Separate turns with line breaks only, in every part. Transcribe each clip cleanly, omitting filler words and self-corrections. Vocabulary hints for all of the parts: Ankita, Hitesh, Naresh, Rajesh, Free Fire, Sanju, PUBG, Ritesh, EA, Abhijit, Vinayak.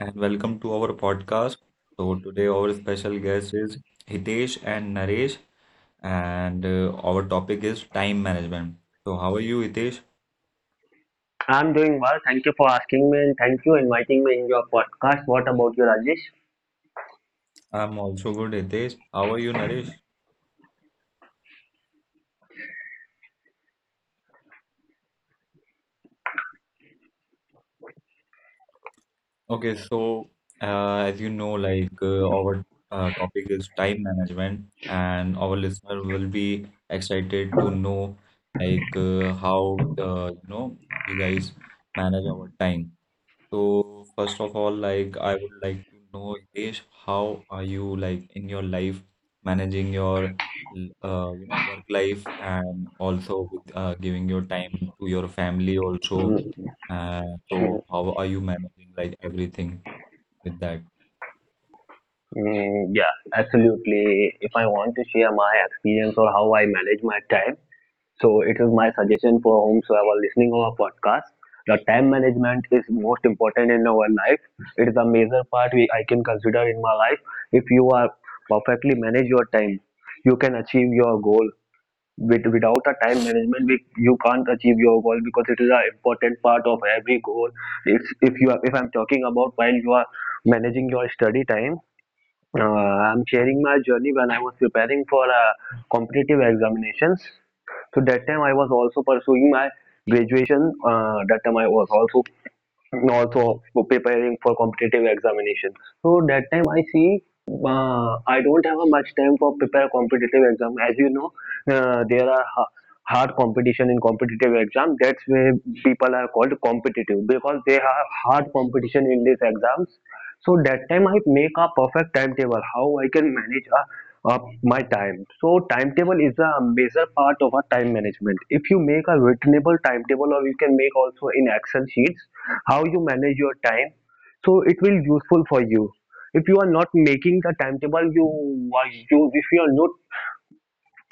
and welcome to our podcast. So, today our special guest is Hitesh and Naresh, and our topic is time management. So, how are you, Hitesh?
I'm doing well. Thank you for asking me and thank you inviting me in your podcast. What about you, Rajesh?
I'm also good, Hitesh. How are you, Naresh? Okay, so as you know, our topic is time management, and our listener will be excited to know how we guys manage our time. So first of all, like I would like to know, Hitesh, how are you like in your life managing your work life and also with giving your time to your family also uh, so
Mhm.
how are you managing like everything with that?
Mm, yeah, absolutely. If I want to share my experience or how I manage my time, so it is my suggestion for whomsoever listening our podcast. The time management is most important in our life. It is a major part I can consider in my life. If you are perfectly manage your time, you can achieve your goal without a time management you can't achieve your goal, because it is an important part of every goal. If, if you are, if I'm talking about while you are managing your study time, I'm sharing my journey when I was preparing for competitive examinations. So that time I was also pursuing my graduation, that time I was also and also for preparing for competitive examination. So that time I see, I don't have a much time for prepare competitive exam. As you know, there are hard competition in competitive exam. That's why people are called competitive, because they have hard competition in these exams. So that time I make a perfect timetable how I can manage a of my time. So timetable is a major part of our time management. If you make a returnable timetable, or you can make also in Excel sheets how you manage your time, so it will useful for you. If you are not making the timetable, you are you if you are not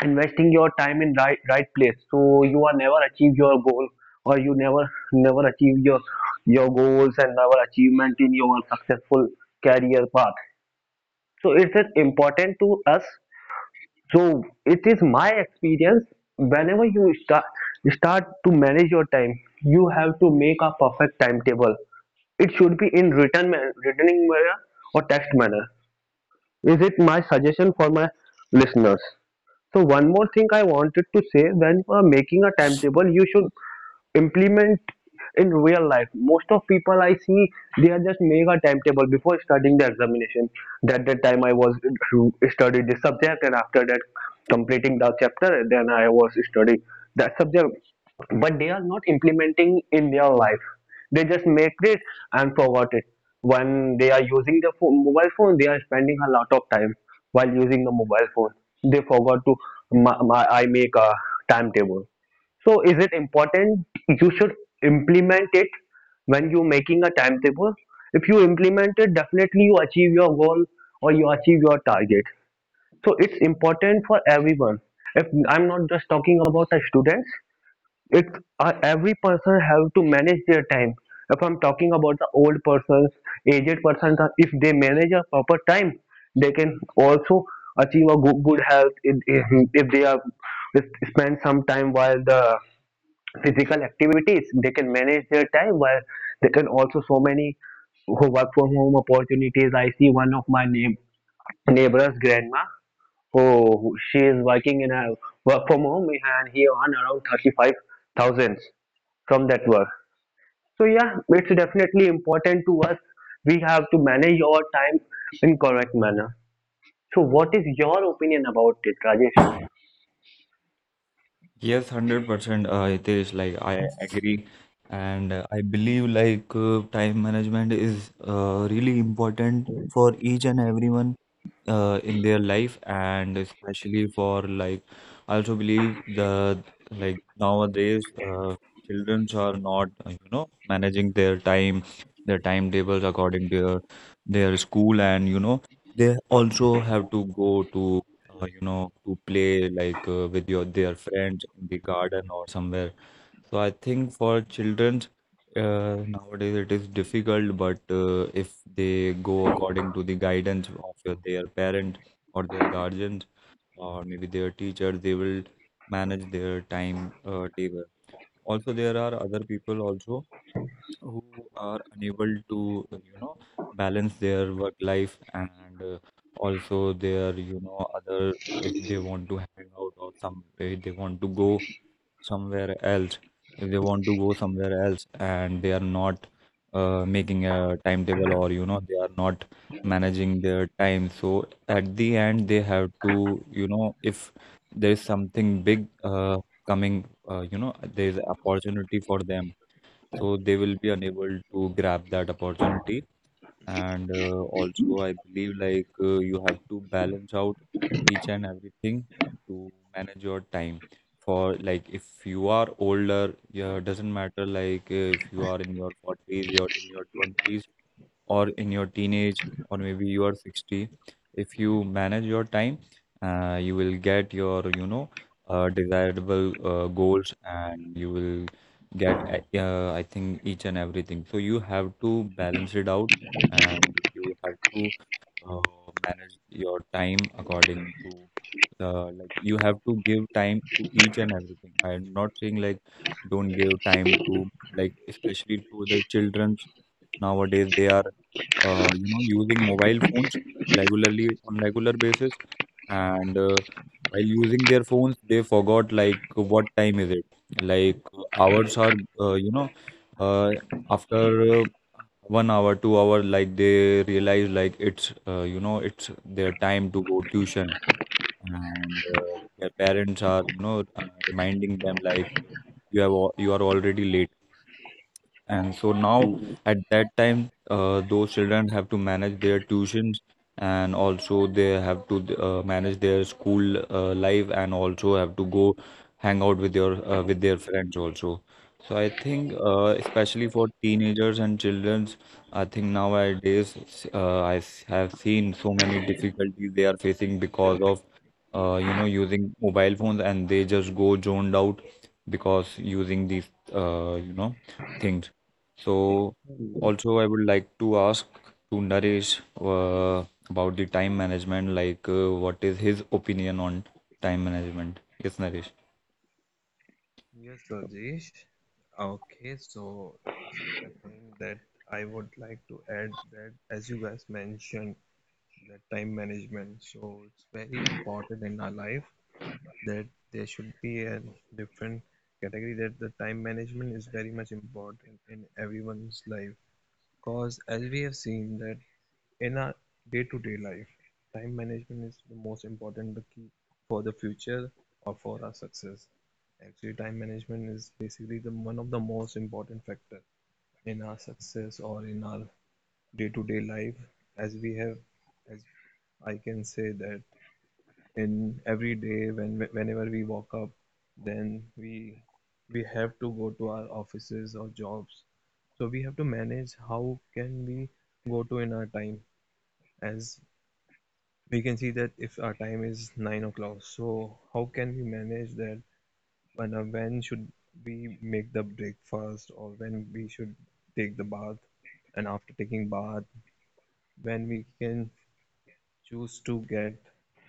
investing your time in right place, so you are never achieve your goal, or you never achieve your goals and never achievement in your successful career path. So it is important to us, so it is my experience. Whenever you start to manage your time, you have to make a perfect timetable. It should be in written manner or text manner. Is it my suggestion for my listeners? So one more thing I wanted to say: when you are making a timetable, you should implement in real life. Most of people I see, they are just make a timetable before starting the examination. That time I was to study this subject, and after that completing the chapter, and then I was studying that subject. But they are not implementing in their life. They just make it and forgot it. When they are using the phone, mobile phone, they are spending a lot of time while using the mobile phone. They forgot to I make a timetable, so is it important you should implement it when you making a timetable? If you implement it, definitely you achieve your goal or you achieve your target. So it's important for everyone. If I'm not just talking about the students, it's every person have to manage their time. If I'm talking about the old persons, aged persons, if they manage a proper time, they can also achieve a good health. If they are if spend some time while the physical activities, they can manage their time, while they can also so many who work from home opportunities. I see one of my neighbor's grandma who she is working in a work from home, and he earn around 35,000 from that work. So yeah, it's definitely important to us. We have to manage our time in correct manner. So what is your opinion about it, Rajesh?
Yes, 100%, Hitesh, like I agree. And I believe time management is really important for each and everyone in their life, and especially for like I also believe that like nowadays childrens are not managing their time, their timetables according to their school, and you know they also have to go to to play like with your their friends in the garden or somewhere, so I think for children nowadays it is difficult, but if they go according to the guidance of their parent or their guardians or maybe their teachers, they will manage their time table. Also, there are other people also who are unable to, you know, balance their work life and also their other if they want to hang out or some way they want to go somewhere else, if they want to go somewhere else and they are not making a timetable or you know they are not managing their time, so at the end they have to you know if there is something big coming there is opportunity for them, so they will be unable to grab that opportunity. And also I believe you have to balance out each and everything to manage your time, for like if you are older, yeah, doesn't matter like if you are in your 40s, you're in your 20s or in your teenage, or maybe you are 60, if you manage your time you will get your desirable goals, and you will get I think each and everything. So you have to balance it out and you have to uh, manage your time according to like you have to give time to each and everything. I'm not saying like don't give time to like especially to the children. Nowadays, they are using mobile phones regularly on regular basis, and while using their phones, they forgot like what time is it. Like hours are uh, you know uh, after 1 hour, 2 hour, like they realize like it's it's their time to go tuition, and their parents are reminding them like you you are already late. And so now at that time, those children have to manage their tuitions, and also they have to manage their school life, and also have to go hang out with your with their friends also. So I think especially for teenagers and childrens, I think nowadays I have seen so many difficulties they are facing because of you know, using mobile phones, and they just go zoned out because using these, you know, things. So, also, I would like to ask to Naresh about the time management, like what is his opinion on time management? Yes, Naresh.
Yes, Rajesh. Okay, so it's my time that I would like to add that, as you guys mentioned, that time management, so it's very important in our life that there should be a different category, that the time management is very much important in everyone's life. Because as we have seen that in our day-to-day life, time management is the most important the key for the future or for our success. Actually, time management is basically the one of the most important factor in our success or in our day-to-day life, as as I can say that in every day, when whenever we walk up, then we have to go to our offices or jobs. So we have to manage how can we go to in our time, as we can see that if our time is 9 o'clock, so how can we manage that? And when should we make the breakfast, or when we should take the bath? And after taking bath, when we can choose to get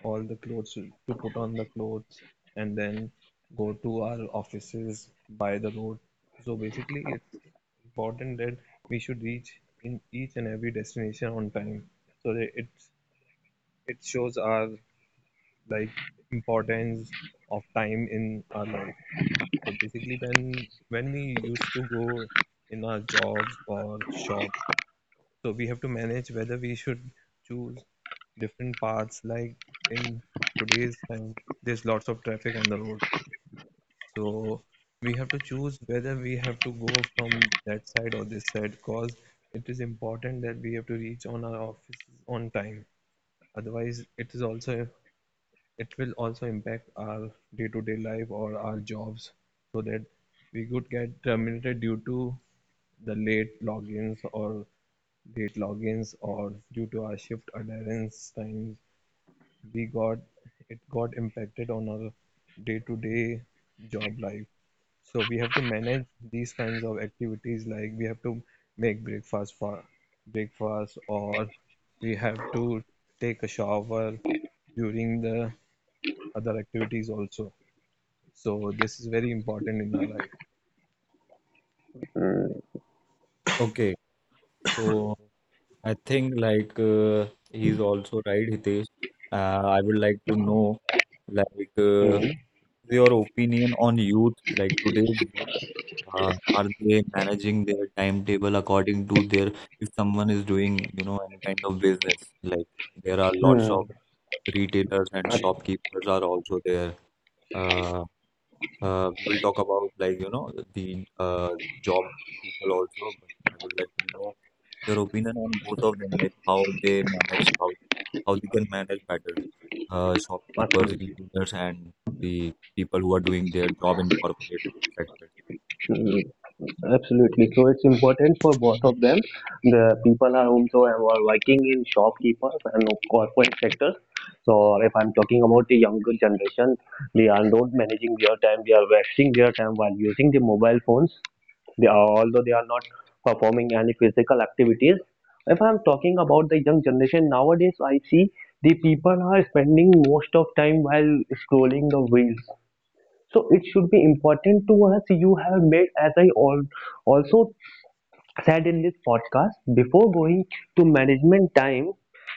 all the clothes to put on the clothes and then go to our offices by the road. So basically, it's important that we should reach in each and every destination on time so that it shows our like importance of time in our life. So basically, when we used to go in our jobs or shops, so we have to manage whether we should choose different paths. Like in today's time, there's lots of traffic on the road, so we have to choose whether we have to go from that side or this side, because it is important that we have to reach on our offices on time. Otherwise, it will also impact our day-to-day life or our jobs, so that we could get terminated due to the late logins, or late logins, or due to our shift adherence times, we got it got impacted on our day-to-day job life. So we have to manage these kinds of activities, like we have to make breakfast for breakfast, or we have to take a shower during the other activities also. So this is very important in our life.
Okay. So I think he's also right, Hitesh. I would like to know like
Mm-hmm.
your opinion on youth, like today's youth. Are they managing their timetable according to their, if someone is doing, you know, any kind of business, like there are lots
Hmm.
of retailers and
Ab-
shopkeepers are also there. Uh, we will talk about like, you know, the job people also, but I would like to know your opinion on both of them, like how they manage, how they can manage better, shopkeepers,
Absolutely.
retailers, and the people who are doing their job in corporate sector.
Mm, absolutely. So it's important for both of them. The people are also are working in shopkeepers and corporate sectors. So if I'm talking about the younger generation, they are not managing their time. They are wasting their time while using the mobile phones. Although they are not performing any physical activities. If I'm talking about the young generation nowadays, I see the people are spending most of time while scrolling the reels, so it should be important to us. You have made, as I also said in this podcast, before going to management time,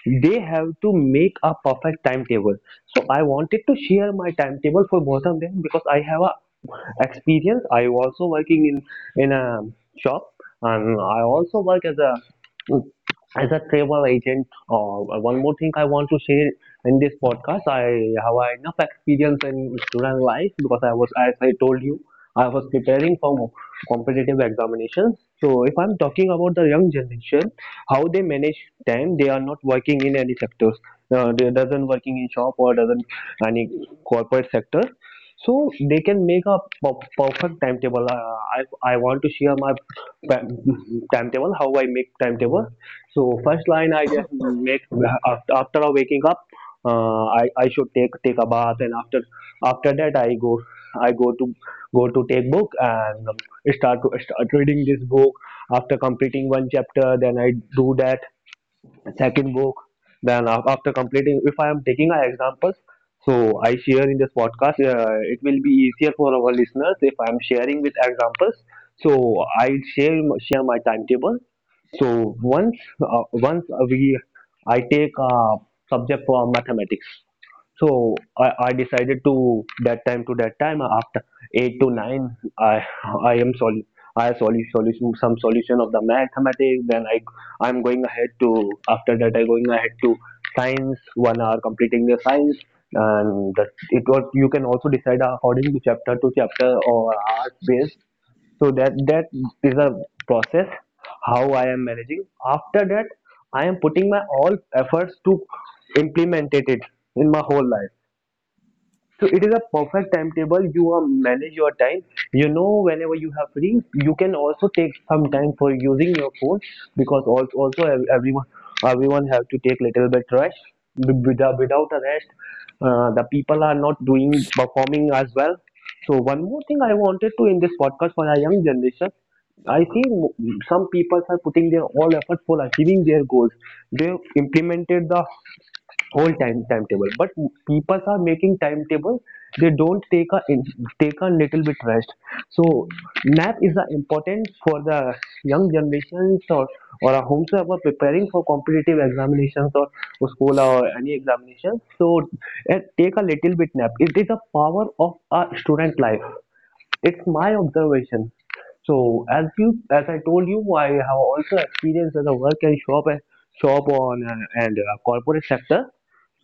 they have to make a perfect timetable. So I wanted to share my timetable for both of them, because I have a experience. I also working in a shop, and I also work as a travel agent. Or one more thing I want to share in this podcast, I have enough experience in student life, because I was, as I told you, I was preparing for competitive examinations. So if I'm talking about the young generation, how they manage time, they are not working in any sectors. They doesn't working in shop or doesn't any corporate sector, so they can make a perfect timetable. I want to share my timetable, how I make timetable. So first line I just make after I waking up, I should take a bath, and after that I go to take book and start reading this book. After completing one chapter, then I do that second book. Then after completing, if I am taking our examples, so I share in this podcast, it will be easier for our listeners if I am sharing with examples, so I share share my timetable. So once, once we I take a subject for mathematics, so I decided to that time, after eight to nine I am sol I have solu- solution some solution of the mathematics. Then I'm going ahead to, after that I going ahead to science, 1 hour completing the science, and that it was, you can also decide according to chapter or art based. So that is a process how I am managing. After that, I am putting my all efforts to implement it in my whole life, so it is a perfect timetable. You are manage your time. You know whenever you have free, you can also take some time for using your phone, because also everyone have to take little bit rest. Without a rest, the people are not doing performing as well. So one more thing I wanted to in this podcast for our young generation, I see some people are putting their all effort for achieving their goals. They implemented the whole timetable, but people are making timetable, they don't take a little bit rest. So nap is the important for the young generations or whomsoever preparing for competitive examinations or school or any examination. So take a little bit nap, it is a power of a student life, it's my observation. So, as I told you, I have also experienced as a work and shop, and shop on and corporate sector.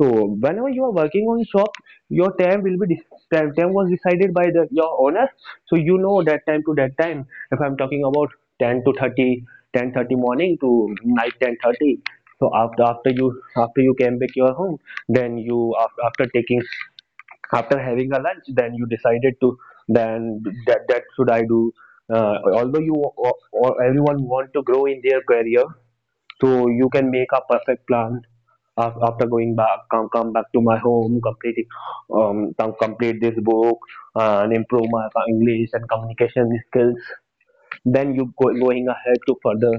So whenever you are working on shop, your time will be time was decided by the your owner. So you know, that time to that time, if I'm talking about 10 to 30, 10:30 morning to night 10:30. So after you came back your home, then you, after having a lunch, then you decided to, then that should I do, although you, or everyone want to grow in their career. So you can make a perfect plan, after going back, come back to my home, completing, complete this book, and improve my English and communication skills, then you, going ahead to further.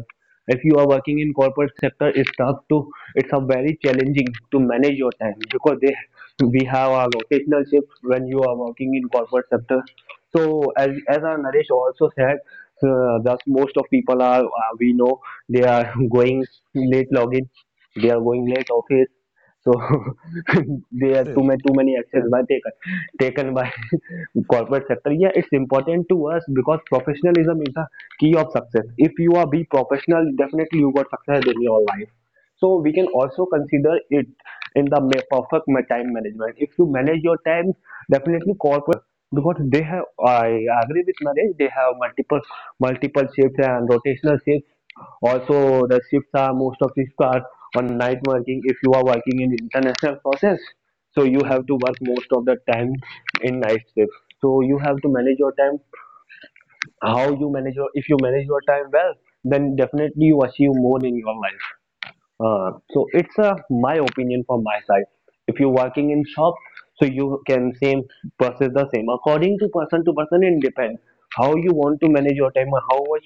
If you are working in corporate sector, it's a very challenging to manage your time, because they we have a rotational shift when you are working in corporate sector. So, as our Naresh also said, that most of people are, we know, they are going late login, they are going late office. So there
Yes,
are too
Yes,
many too many actions by taken by corporate sector. Yeah, it's important to us, because professionalism is the key of success. If you are be professional, definitely you got success in your life. So we
yes,
can also consider it in the perfect time management. If you manage your time, definitely corporate is a good sector because they have. I agree with Naresh. They have multiple shifts and rotational shifts also. The shifts are most of shifts are on night working. If you are working in international process, so you have to work most of the time in night shift. So you have to manage your time. How you manage your If you manage your time well, then definitely you achieve more in your life. So it's a my opinion from my side. If you're working in shop, so you can same process the same according to person to person. It depends how you want to manage your time or how much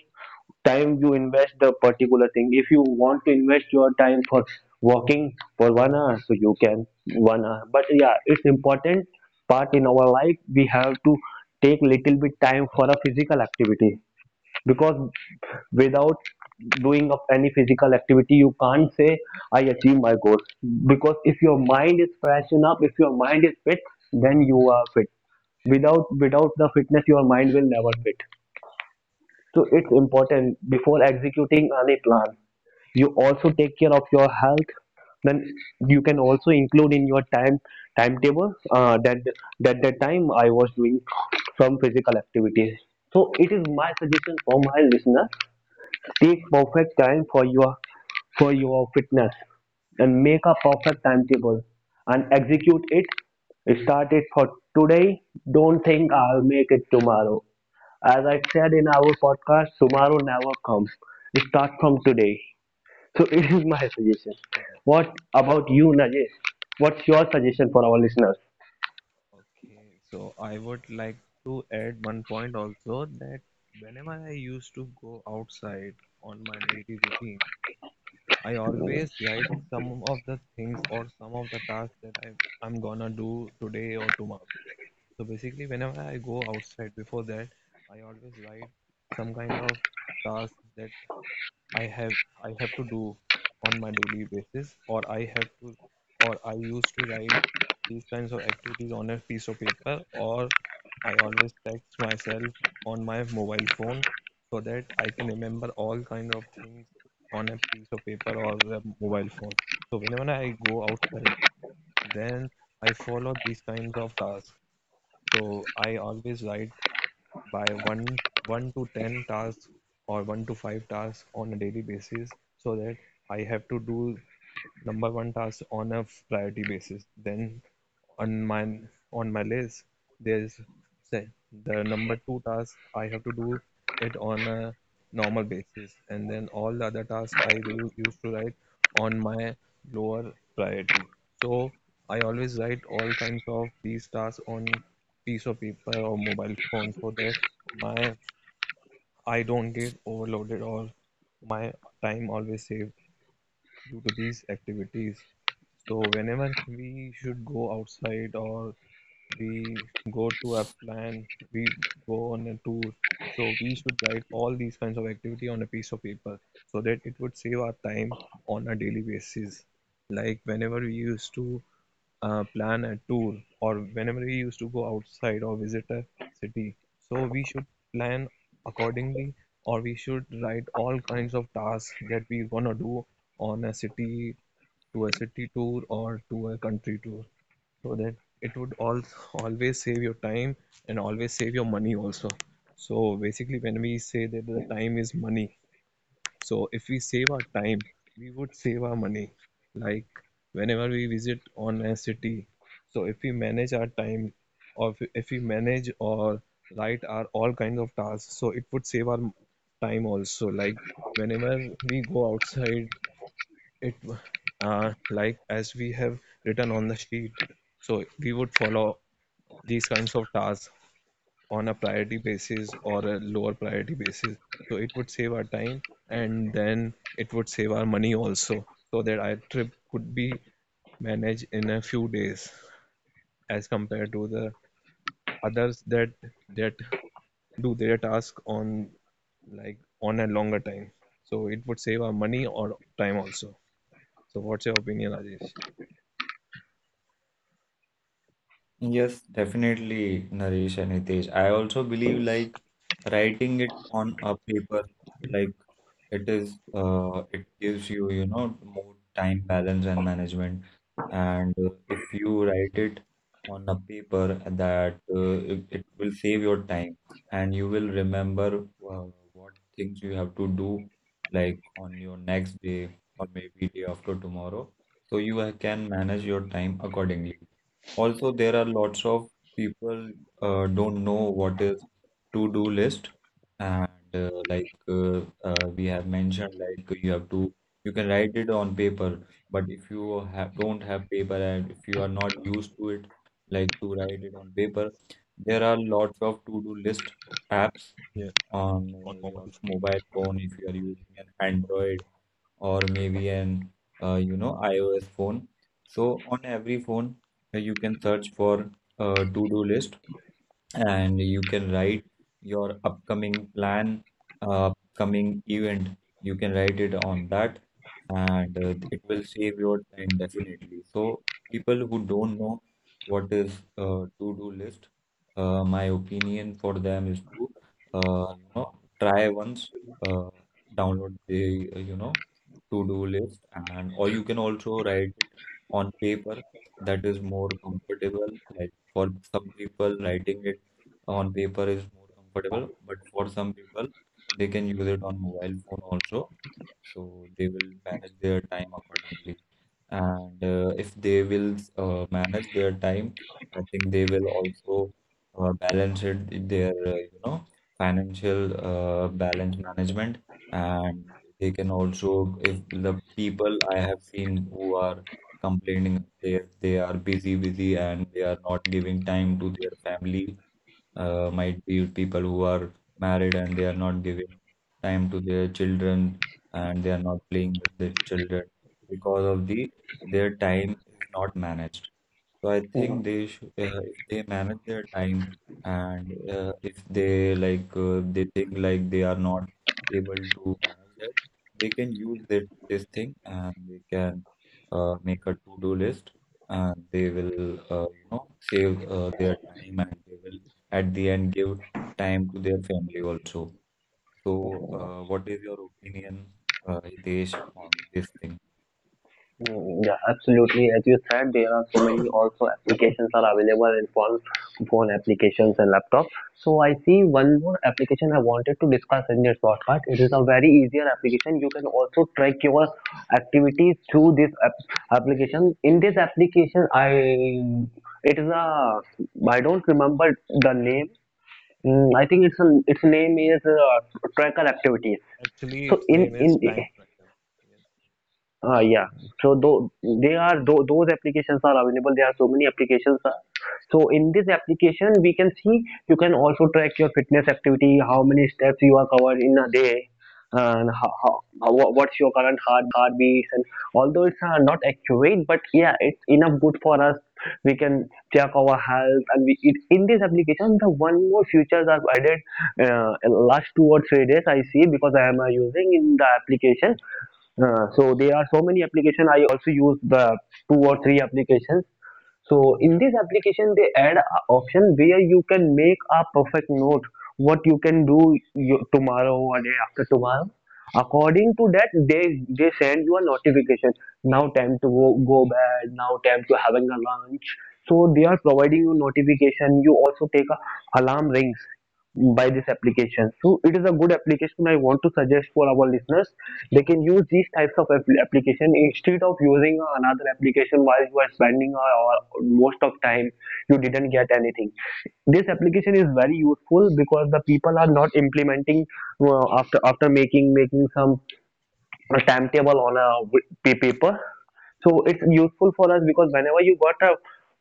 time you invest the particular thing. If you want to invest your time for walking for 1 hour, so you can 1 hour. But yeah, it's important part in our life. We have to take little bit time for a physical activity because without doing of any physical activity you can't say I achieve my goals because if your mind is fresh up, if your mind is fit then you are fit. Without the fitness your mind will never fit, so it's
yes,
important before executing any plan you also take care of your health, then you can also include in your time timetable that the time I was doing some physical activities. So it is my suggestion for my listener. Take perfect time for your fitness and make a perfect timetable and execute it. Start it for today. Don't think I'll make it tomorrow. As I said in our podcast, tomorrow never comes. Start from today. So it is my suggestion.
yes, yes.
What about you, Najesh? What's your suggestion for our listeners?
Okay, so I would like to add one point also, that whenever I used to go outside on my daily routine, I always write some of the things or some of the tasks that I'm gonna do today or tomorrow. So basically, whenever I go outside, before that, I always write some kind of task that I have I have to do on my daily basis, or I used to write these kinds of activities on a piece of paper, or I always text myself on my mobile phone so that I can remember all kind of things on a piece of paper or a mobile phone. So whenever I go outside, then I follow these kinds of tasks. So I always write by one to ten tasks or one to five tasks on a daily basis, so that I have to do number one task on a priority basis. Then on my list there's say the number two task I have to do it on a normal basis, and then all the other tasks I used to write on my lower priority. So I always write all kinds of these tasks on piece of paper or mobile phone so that my I don't get overloaded or my time always saved due to these activities. So whenever we should go outside, or we go to a plan, we go on a tour, so we should write all these kinds of activity on a piece of paper so that it would save our time on a daily basis. Like whenever we used to plan a tour, or whenever we used to go outside or visit a city, so we should plan accordingly, or we should write all kinds of tasks that we're gonna do on a city to a city tour or to a country tour, so that it would all always save your time and always save your money also. So basically when we say that the time is money, so if we save our time, we would save our money. Like whenever we visit on a city, so if we manage our time, or if we manage or write our all kinds of tasks, so it would save our time also. Like whenever we go outside, it like as we have written on the sheet, so we would follow these kinds of tasks on a priority basis or a lower priority basis. So it would save our time, and then it would save our money also, so that our trip could be managed in a few days as compared to the others that that do their task on like on a longer time. So it would save our money or time also. So what's your opinion, Rajesh?
Yes, definitely, Naresh and Hitesh. I also believe like writing it on a paper, like it is, it gives you, you know, more time balance and management. And if you write it on a paper, that it will save your time, and you will remember uh, what things you have to do, like on your next day or maybe day after tomorrow, so you can manage your time accordingly. Also, there are lots of people don't know what is to-do list, and we have mentioned, like you have to you can write it on paper, but if you have don't have paper and if you are not used to it, like to write it on paper, there are lots of to-do list apps on your mobile phone if you are using an Android or maybe an iOS phone. So on every phone, you can search for a to-do list and you can write your upcoming plan, upcoming event. You can write it on that, and it will save your time definitely. So people who don't know what is to-do list, my opinion for them is to uh, you know try once, uh, download the to-do list, and or you can also write it on paper. That is more comfortable. Like for some people, writing it on paper is more comfortable, but for some people, they can use it on mobile phone also, so they will manage their time accordingly. And if they will manage their time, I think they will also balance it in their financial balance management. And they can also if the people I have seen who are complaining, they they are busy and they are not giving time to their family, might be people who are married and they are not giving time to their children, and they are not playing with their children because of the their time is not managed. So I think they should, if they manage their time and if they like, they think like they are not able to manage that, they can use that this thing and they can make a to-do list, and they will, you know, save their time, and they will at the end give time to their family also. So, what is your opinion, Hitesh, on this thing?
Yeah, absolutely. As you said, there are so many also applications are available in phone, phone applications and laptop. So I see one more application I wanted to discuss in this podcast. It is a very easier application. You can also track your activities through this application. In this application, I it is a I don't remember the name. I think it's a, its name is Tracker Activities.
Actually,
So
its name
in
is time tracker.
yeah. So though they are though those applications are available. There are so many applications. So in this application, we can see you can also track your fitness activity, how many steps you are covered in a day, and what's your current heartbeat. And although it's not accurate, but yeah, it's enough good for us. We can check our health, and we it, in this application, the one more features are added in last 2 or 3 days. I see because I am using in the application so there are so many applications. I also use the two or three applications. So in this application, they add a option where you can make a perfect note what you can do you, tomorrow or day after tomorrow. According to that, they send you a notification. Now time to go bed. Now time to having a lunch. So they are providing you notification. You also take a alarm rings by this application. So it is a good application I want to suggest for our listeners. They can use these types of application instead of using another application while you are spending or most of time you didn't get anything. This application is very useful because the people are not implementing after making some timetable on a paper. So it's useful for us because whenever you got a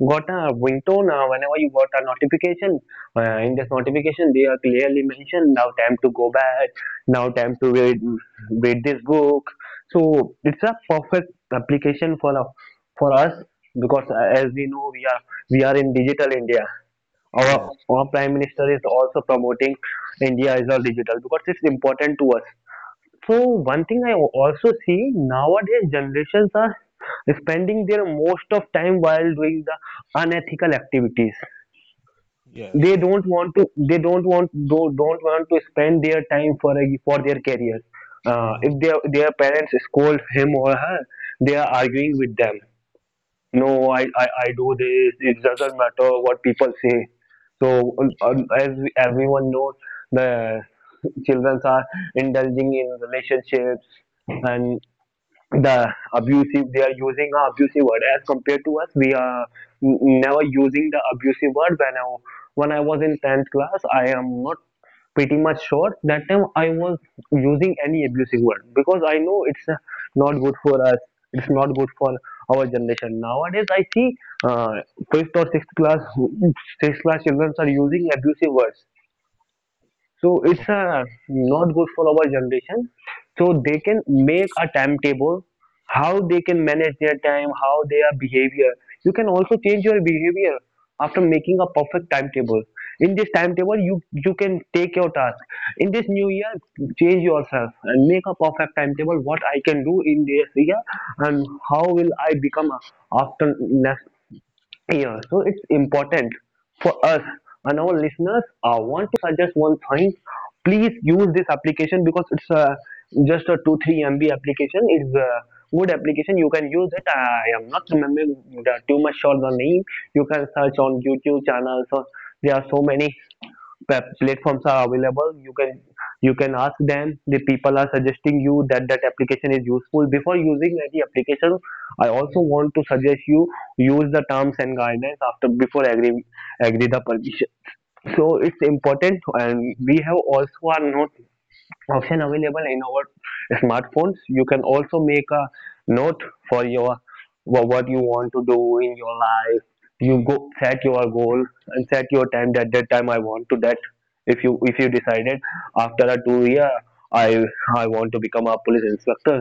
got a ringtone, whenever you got a notification, in this notification they are clearly mentioned now time to go back, now time to read this book. So it's a perfect application for for us because as we know we are in digital India. Our our prime minister is also promoting India is all digital because it's important to us. So one thing I also see nowadays generations are spending their most of time while doing the unethical activities. They don't want to. They don't want. Don't want to spend their time for for their career. If their parents scold him or her, they are arguing with them no, I do this. It doesn't matter what people say. So as everyone knows, the children are indulging in relationships, and the abusive they are using a abusive word as compared to us we are never using the abusive word when I was in 10th class I am not pretty much sure that time I was using any abusive word because I know it's not good for us. It's not good for our generation nowadays I see uh, fifth or sixth class children are using abusive words, so
Yes.
it's not good for our generation. So they can make a timetable, how they can manage their time, how their behavior. You can also change your behavior after making a perfect timetable. In this timetable, you can take your task. In this new year, change yourself and make a perfect timetable. What I can do in this year and how will I become after next yeah, so it's important for us and our listeners. I want to suggest one thing. Please use this application because it's just a 2 3 MB application. It's a good application. You can use it. I am not remembering the, too much sure the name. You can search on YouTube channels. Or there are so many platforms are available you can ask them the people are suggesting you that application is useful before using any application I also want to suggest you use the terms and guidelines after before agree the permission. So it's important and we have also are not option available in our smartphones. You can also make a note for your what you want to do in your life. You go set your goal and set your time that time I want to that if you decided after a 2 year i I want to become a police inspector,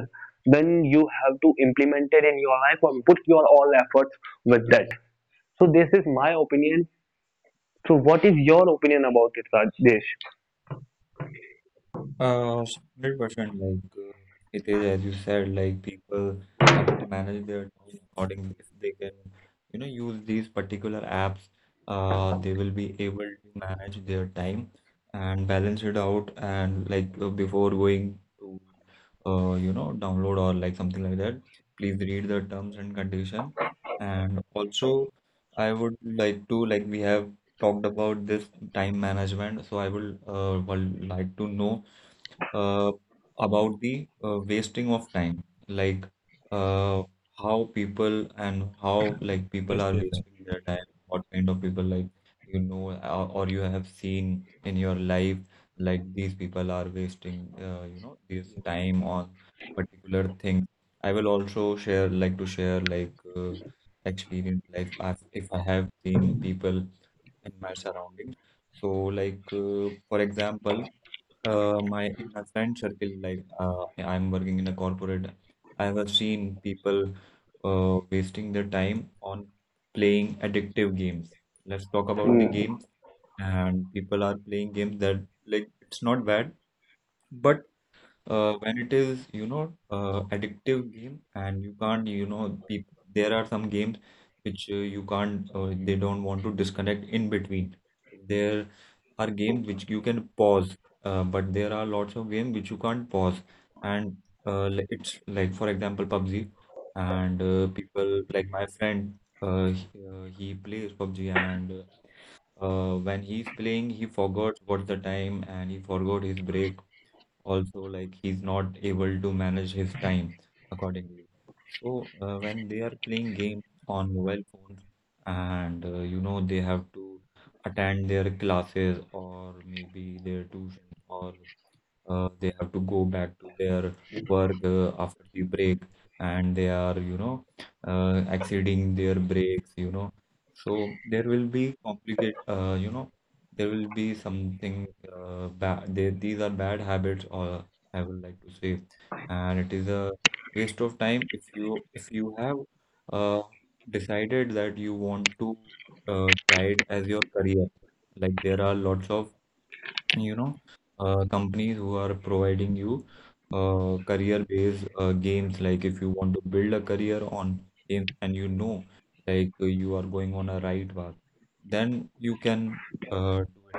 then you have to implement it in your life or put your all efforts with that. So this is my opinion. So what is your opinion about it, Rajesh?
Uh, 100% like it is as you said, like people have to manage their time accordingly. If they can you know use these particular apps, they will be able to manage their time and balance it out. And like before going to you know download or like something like that, please read the terms and condition. And also I would like to, like we have talked about this time management, so I will would like to know uh, about the wasting of time, like uh, how people and how like people are wasting their time, what kind of people like you know, or you have seen in your life, like these people are wasting this time on particular things. I will also share like to share like experience like I've, if I have seen people in my surroundings. So, like for example, my in my friend circle, like I'm working in a corporate, I have seen people wasting their time on playing addictive games. Let's talk about the
Hmm.
games. And people are playing games that, like, it's not bad, but when it is addictive game and you can't you know peop there are some games which you can't they don't want to disconnect in between. There are games which you can pause, but there are lots of games which you can't pause, and it's like, for example, PUBG. And people like my friend, he plays PUBG, and when he's playing, he forgot what's the time and he forgot his break also. Like, he's not able to manage his time accordingly. So when they are playing games on mobile phones and you know, they have to attend their classes or maybe their tuition, or they have to go back to their work after the break, and they are, you know, exceeding their breaks, you know, so there will be complicate, you know, there will be something bad. They, these are bad habits, or I would like to say. And it is a waste of time. If you have uh, decided that you want to try it as your career, like there are lots of, you know, companies who are providing you career-based games. Like, if you want to build a career on games, and you know, like, you are going on a right path, then you can do it.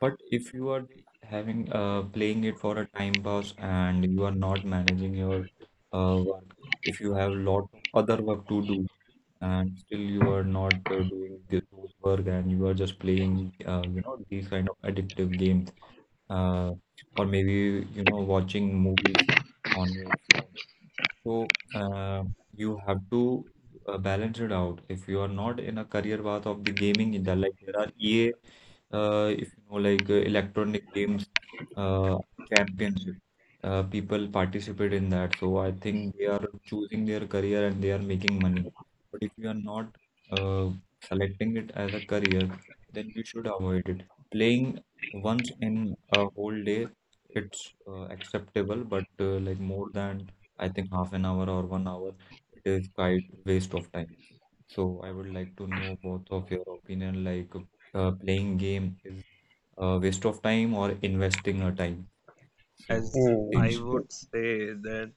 But if you are just having playing it for a time pass and you are not managing your work, if you have lot of other work to do and still you are not doing the those work and you are just playing, you know, these kind of addictive games, uh, or maybe, you know, watching movies on your phone, so you have to balance it out. If you are not in a career path of the gaming, in the, like, there are EA, if you know, like, electronic games uh, championship, people participate in that. So I think they are choosing their career and they are making money. But if you are not uh, selecting it as a career, then you should avoid it. Playing once in a whole day, it's acceptable, but like more than, I think, 1/2 hour or 1 hour, it is quite waste of time. So I would like to know both of your opinion, like, playing game is a waste of time or investing a time. So
As
Hmm.
I
Hitesh,
would say that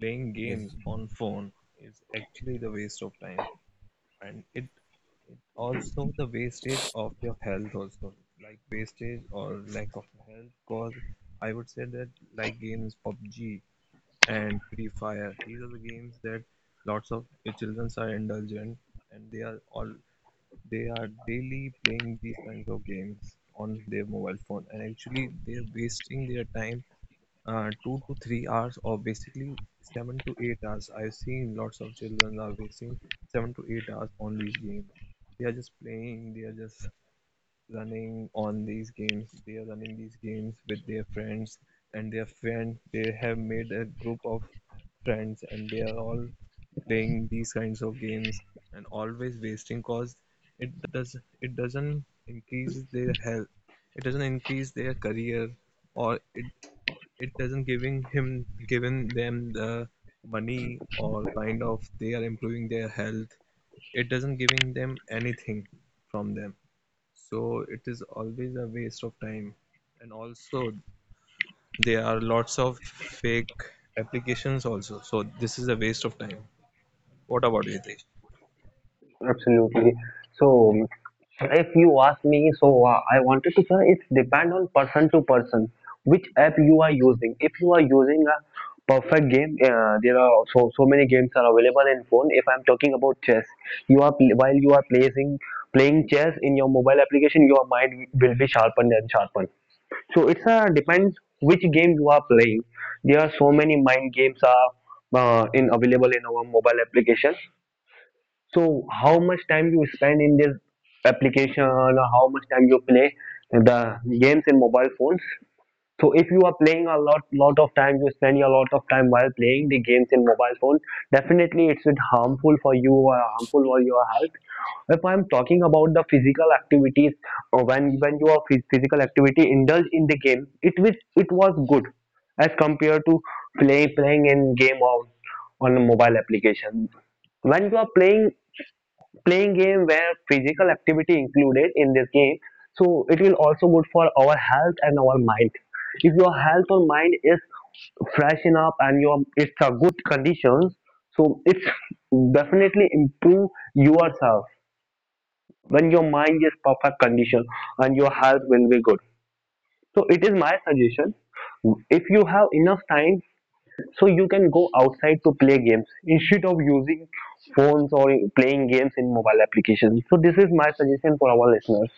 playing
yes.
games on phone is actually the waste of time, and it also the wastage of your health also, like wastage or lack of health. Cause I would say that like games PUBG and Free Fire, these are the games that lots of children are indulgent, and they are all they are daily playing these kinds of games on their mobile phone, and actually they're wasting their time 2 to 3 hours, or basically 7 to 8 hours. I've seen lots of children are wasting 7 to 8 hours on these games. They are just playing, they are just running on these games, they are running these games with their friends and their friends. They have made a group of friends, and they are all playing these kinds of games and always wasting. Cause it does it doesn't increase their health, it doesn't increase their career, or it doesn't giving him given them the money, or kind of they are improving their health, it doesn't giving them anything from them. So it is always a waste of time, and also there are lots of fake applications also. So this is a waste of time. What about you, Hitesh?
Absolutely. So, if you ask me, so I wanted to say it's depend on person to person which app you are using. If you are using a perfect game, there are so many games are available in phone. If I'm talking about chess, you are while you are playing chess in your mobile application, your mind will be sharpened and sharpened. So it's a depends which game you are playing. There are so many mind games are in available in our mobile application. So how much time you spend in this application or how much time you play the games in mobile phones? So if you are playing a lot of time, you spend a lot of time while playing the games in mobile phone, definitely it's bit harmful for you or harmful for your health. If I'm talking about the physical activities, when you are physical activity indulge in the game, it was good as compared to play playing in game or on a mobile application when you are playing game where physical activity included in this game so it will also good for our health and our mind if your health or mind is freshen up and your it's a good conditions so it's definitely improve yourself when your mind is perfect condition and your health will be good so it is my suggestion if you have enough time so you can go outside to play games instead of using phones or playing games in mobile applications so this is my suggestion for our listeners.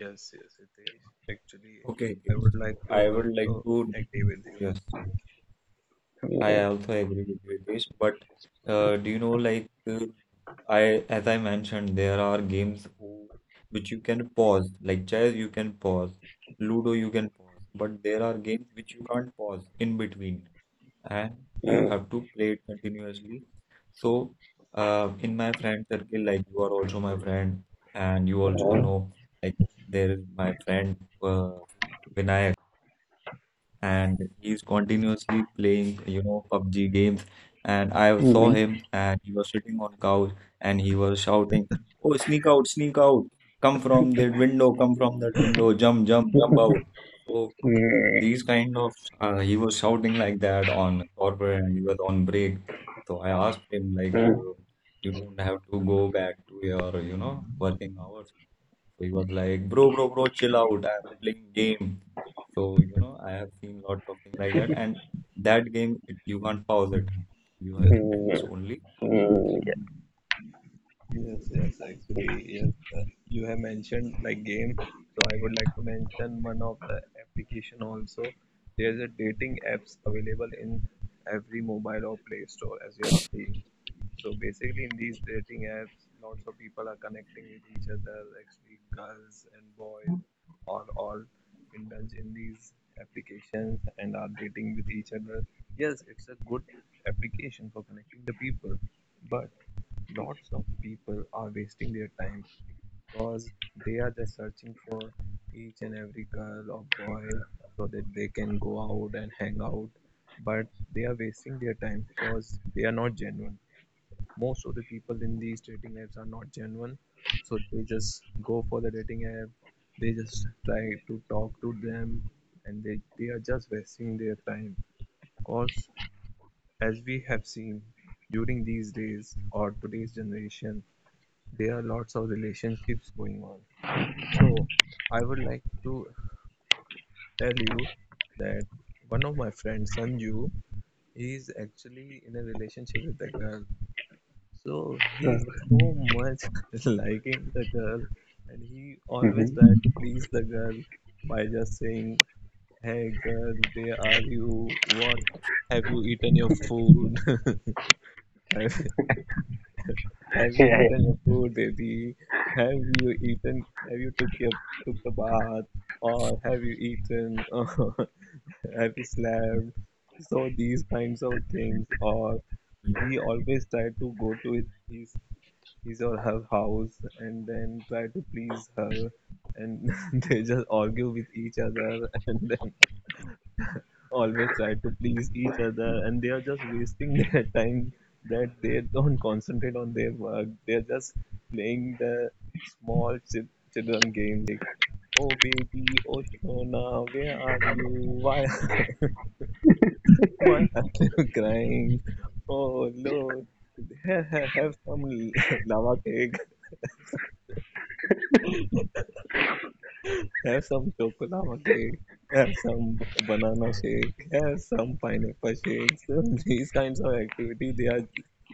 Yes, yes, Hitesh, actually
Okay.
I
Hitesh.
would like
So
to
I would like
also
to,
agree with
yes. I also agree with you, Ritesh, but do you know, like, I, as I mentioned, there are games who which you can pause, like chess, you can pause, Ludo, you can pause, but there are games which you can't pause in between, and you have to play it continuously. So, in my friend circle, like, you are also my friend, and you also know, like, there is my friend uh, Vinayak, and he's continuously playing, you know, PUBG games. And I saw
Mhm.
him, and he was sitting on couch, and he was shouting, "Oh, sneak out, come from that window, come from that window, jump, jump, jump out." So these kind of, he was shouting like that on corporate, and he was on break. So I asked him, like,
Mm,
you don't have to go back to your, you know, working hours. So he was like, "Bro, bro, bro, chill out. I'm playing game." So, you know, I have seen lot of things like that. And that game, it, you can't pause it. You have-
you.
can just
mm,
only.
mm,
Yes, yes, actually, yes. You have mentioned like game, so I would like to mention one of the application also. There's a dating apps available in every mobile or Play Store, as you have seen. So basically, in these dating apps, lots of people are connecting with each other. Actually, girls and boys are all indulge in these applications and are dating with each other. Yes, it's a good application for connecting the people, but lots of people are wasting their time because they are just searching for each and every girl or boy so that they can go out and hang out, but they are wasting their time because they are not genuine. Most of the people in these dating apps are not genuine, so they just go for the dating app, they just try to talk to them, and they are just wasting their time, because as we have seen, during these days or today's generation, there are lots of relationships going on. So I would like to tell you that one of my friends, Sanju, is actually in a relationship with a girl. So
yeah.
he's so much liking the girl, and he always
Mhm.
tries to please the girl by just saying, "Hey girl, where are you? What have you eaten your food?" I have
Yeah,
you
yeah.
eaten your food, baby? Have you eaten? Have you took your took the bath? Or have you eaten? Or have you slept? So these kinds of things. Or
Yeah.
he always try to go to his or her house and then try to please her, and they just argue with each other, and then always try to please each other, and they are just wasting their time, that they don't concentrate on their work. They're just playing the small children games, like, oh baby, oh shona, where are you, why why are you crying, oh lord, have, have some lava cake, have some chocolate lava cake, have some banana shake, have some pineapple shake. So these kinds of activity,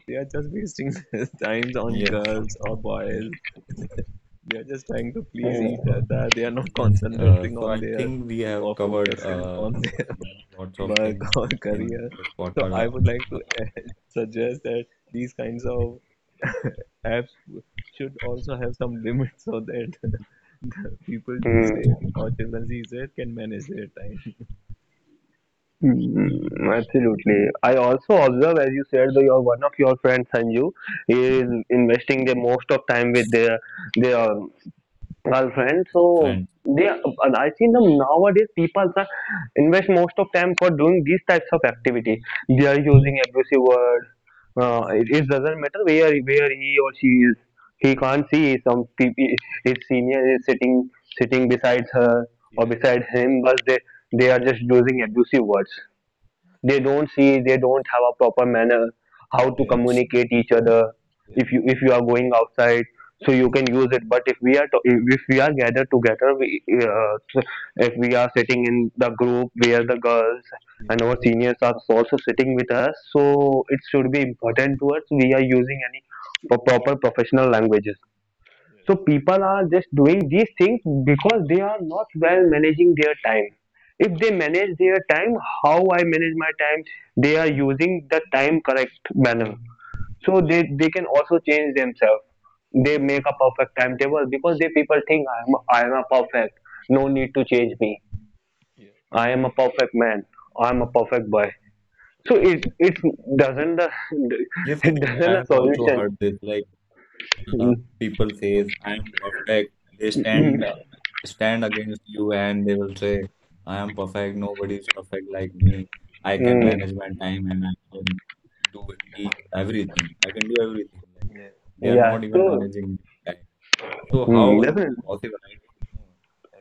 they are just wasting their times on
Yes,
girls or
definitely.
boys. They are just trying to please each
Mm,
So,
other. They are not
yes. Uh,
concentrating
so
on
I
their
think we have
or
covered
focusing on their
you know, lots of
work
things
or
in
career.
this
So
podcast.
I would like
Uh, uh,
to suggest that these kinds of apps should also have some limits, so that people
yeah,
these days
mm,
or children these days can manage their time.
Absolutely. I also observe, as you said, that your one of your friends Sanju is investing the most of time with their girlfriend. So
friends.
they, and I see them nowadays. People are invest most of time for doing these types of activity. They are
Yes,
using abusive word.
yes,
It doesn't matter where he or she is. He can't see some people. His senior is sitting beside her or beside him, but they are just using abusive words. They don't see. They don't have a proper manner how to
yes,
communicate each other. If you are going outside so you can use it but if we are to, if we are gathered together so if we are sitting in the group where the girls and our seniors are also sitting with us so it should be important to us we are using any proper professional languages so people are just doing these things because they are not well managing their time. If they manage their time, how I manage my time, they are using the time correct manner. So they can also change themselves. They make a perfect timetable because they people think I am a perfect. No need to change me. I am a perfect man. I am a perfect boy. So it doesn't the
Yes, it
it
is. I
doesn't a
have also
solution.
heard this. Like, uh,
Mm,
people says, "I am perfect." They stand against you and they will say, "I am perfect. Nobody is perfect like me. I can
mm,
manage my time and I can do it, eat everything. I can do everything." Like, they are
yeah.
not even
So
managing time. So how is it
definitely.
possible? I don't know.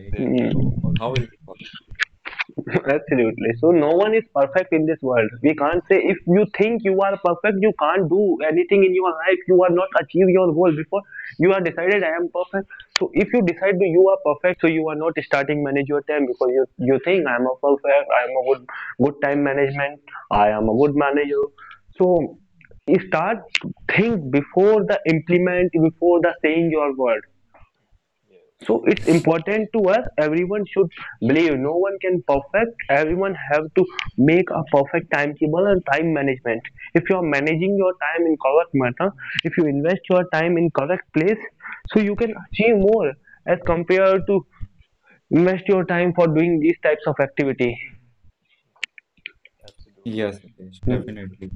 Like,
Mm.
how is it possible?
Absolutely. So no one is perfect in this world. We can't say if you think you are perfect, you can't do anything in your life. You are not achieve your goal before you are decided I am perfect. So if you decide that you are perfect, so you are not starting manage your time because you think I am a perfect, I am a good time management, I am a good manager. So you start think before the implement before the saying your word so it's important to us everyone should believe no one can perfect everyone have to make a perfect timetable and time management if you are managing your time in correct manner if you invest your time in correct place so you can achieve more as compared to invest your time for doing these types of activity.
Yes, Hitesh,
Mm.
definitely.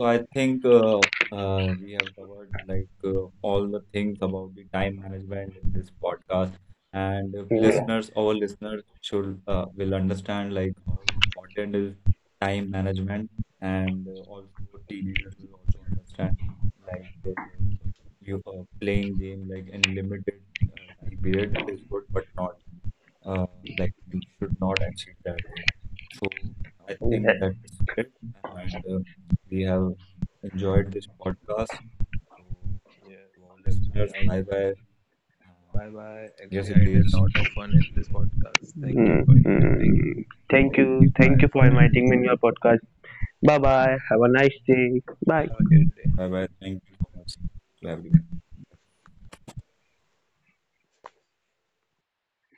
So I think we have covered, like, all the things about the time management in this podcast, and if
Yeah.
listeners, our listeners should will understand, like, how important is time management. And also teenagers will also understand, like, you playing game, like, in limited time period is good, but not uh, like you should not exceed that. So I
Yeah.
think that's it. And we have enjoyed this podcast. So
yes.
to our
Actually,
listeners,
I
bye bye. Um,
bye bye.
yes,
Actually, I
it
had a
is.
lot of fun in this podcast. Thank you for inviting.
Mm. Thank you,
Okay, my
for
friend.
inviting me in your podcast. Bye bye, have a nice day. Bye.
Have a good day.
Bye bye. Thank you so much to everyone.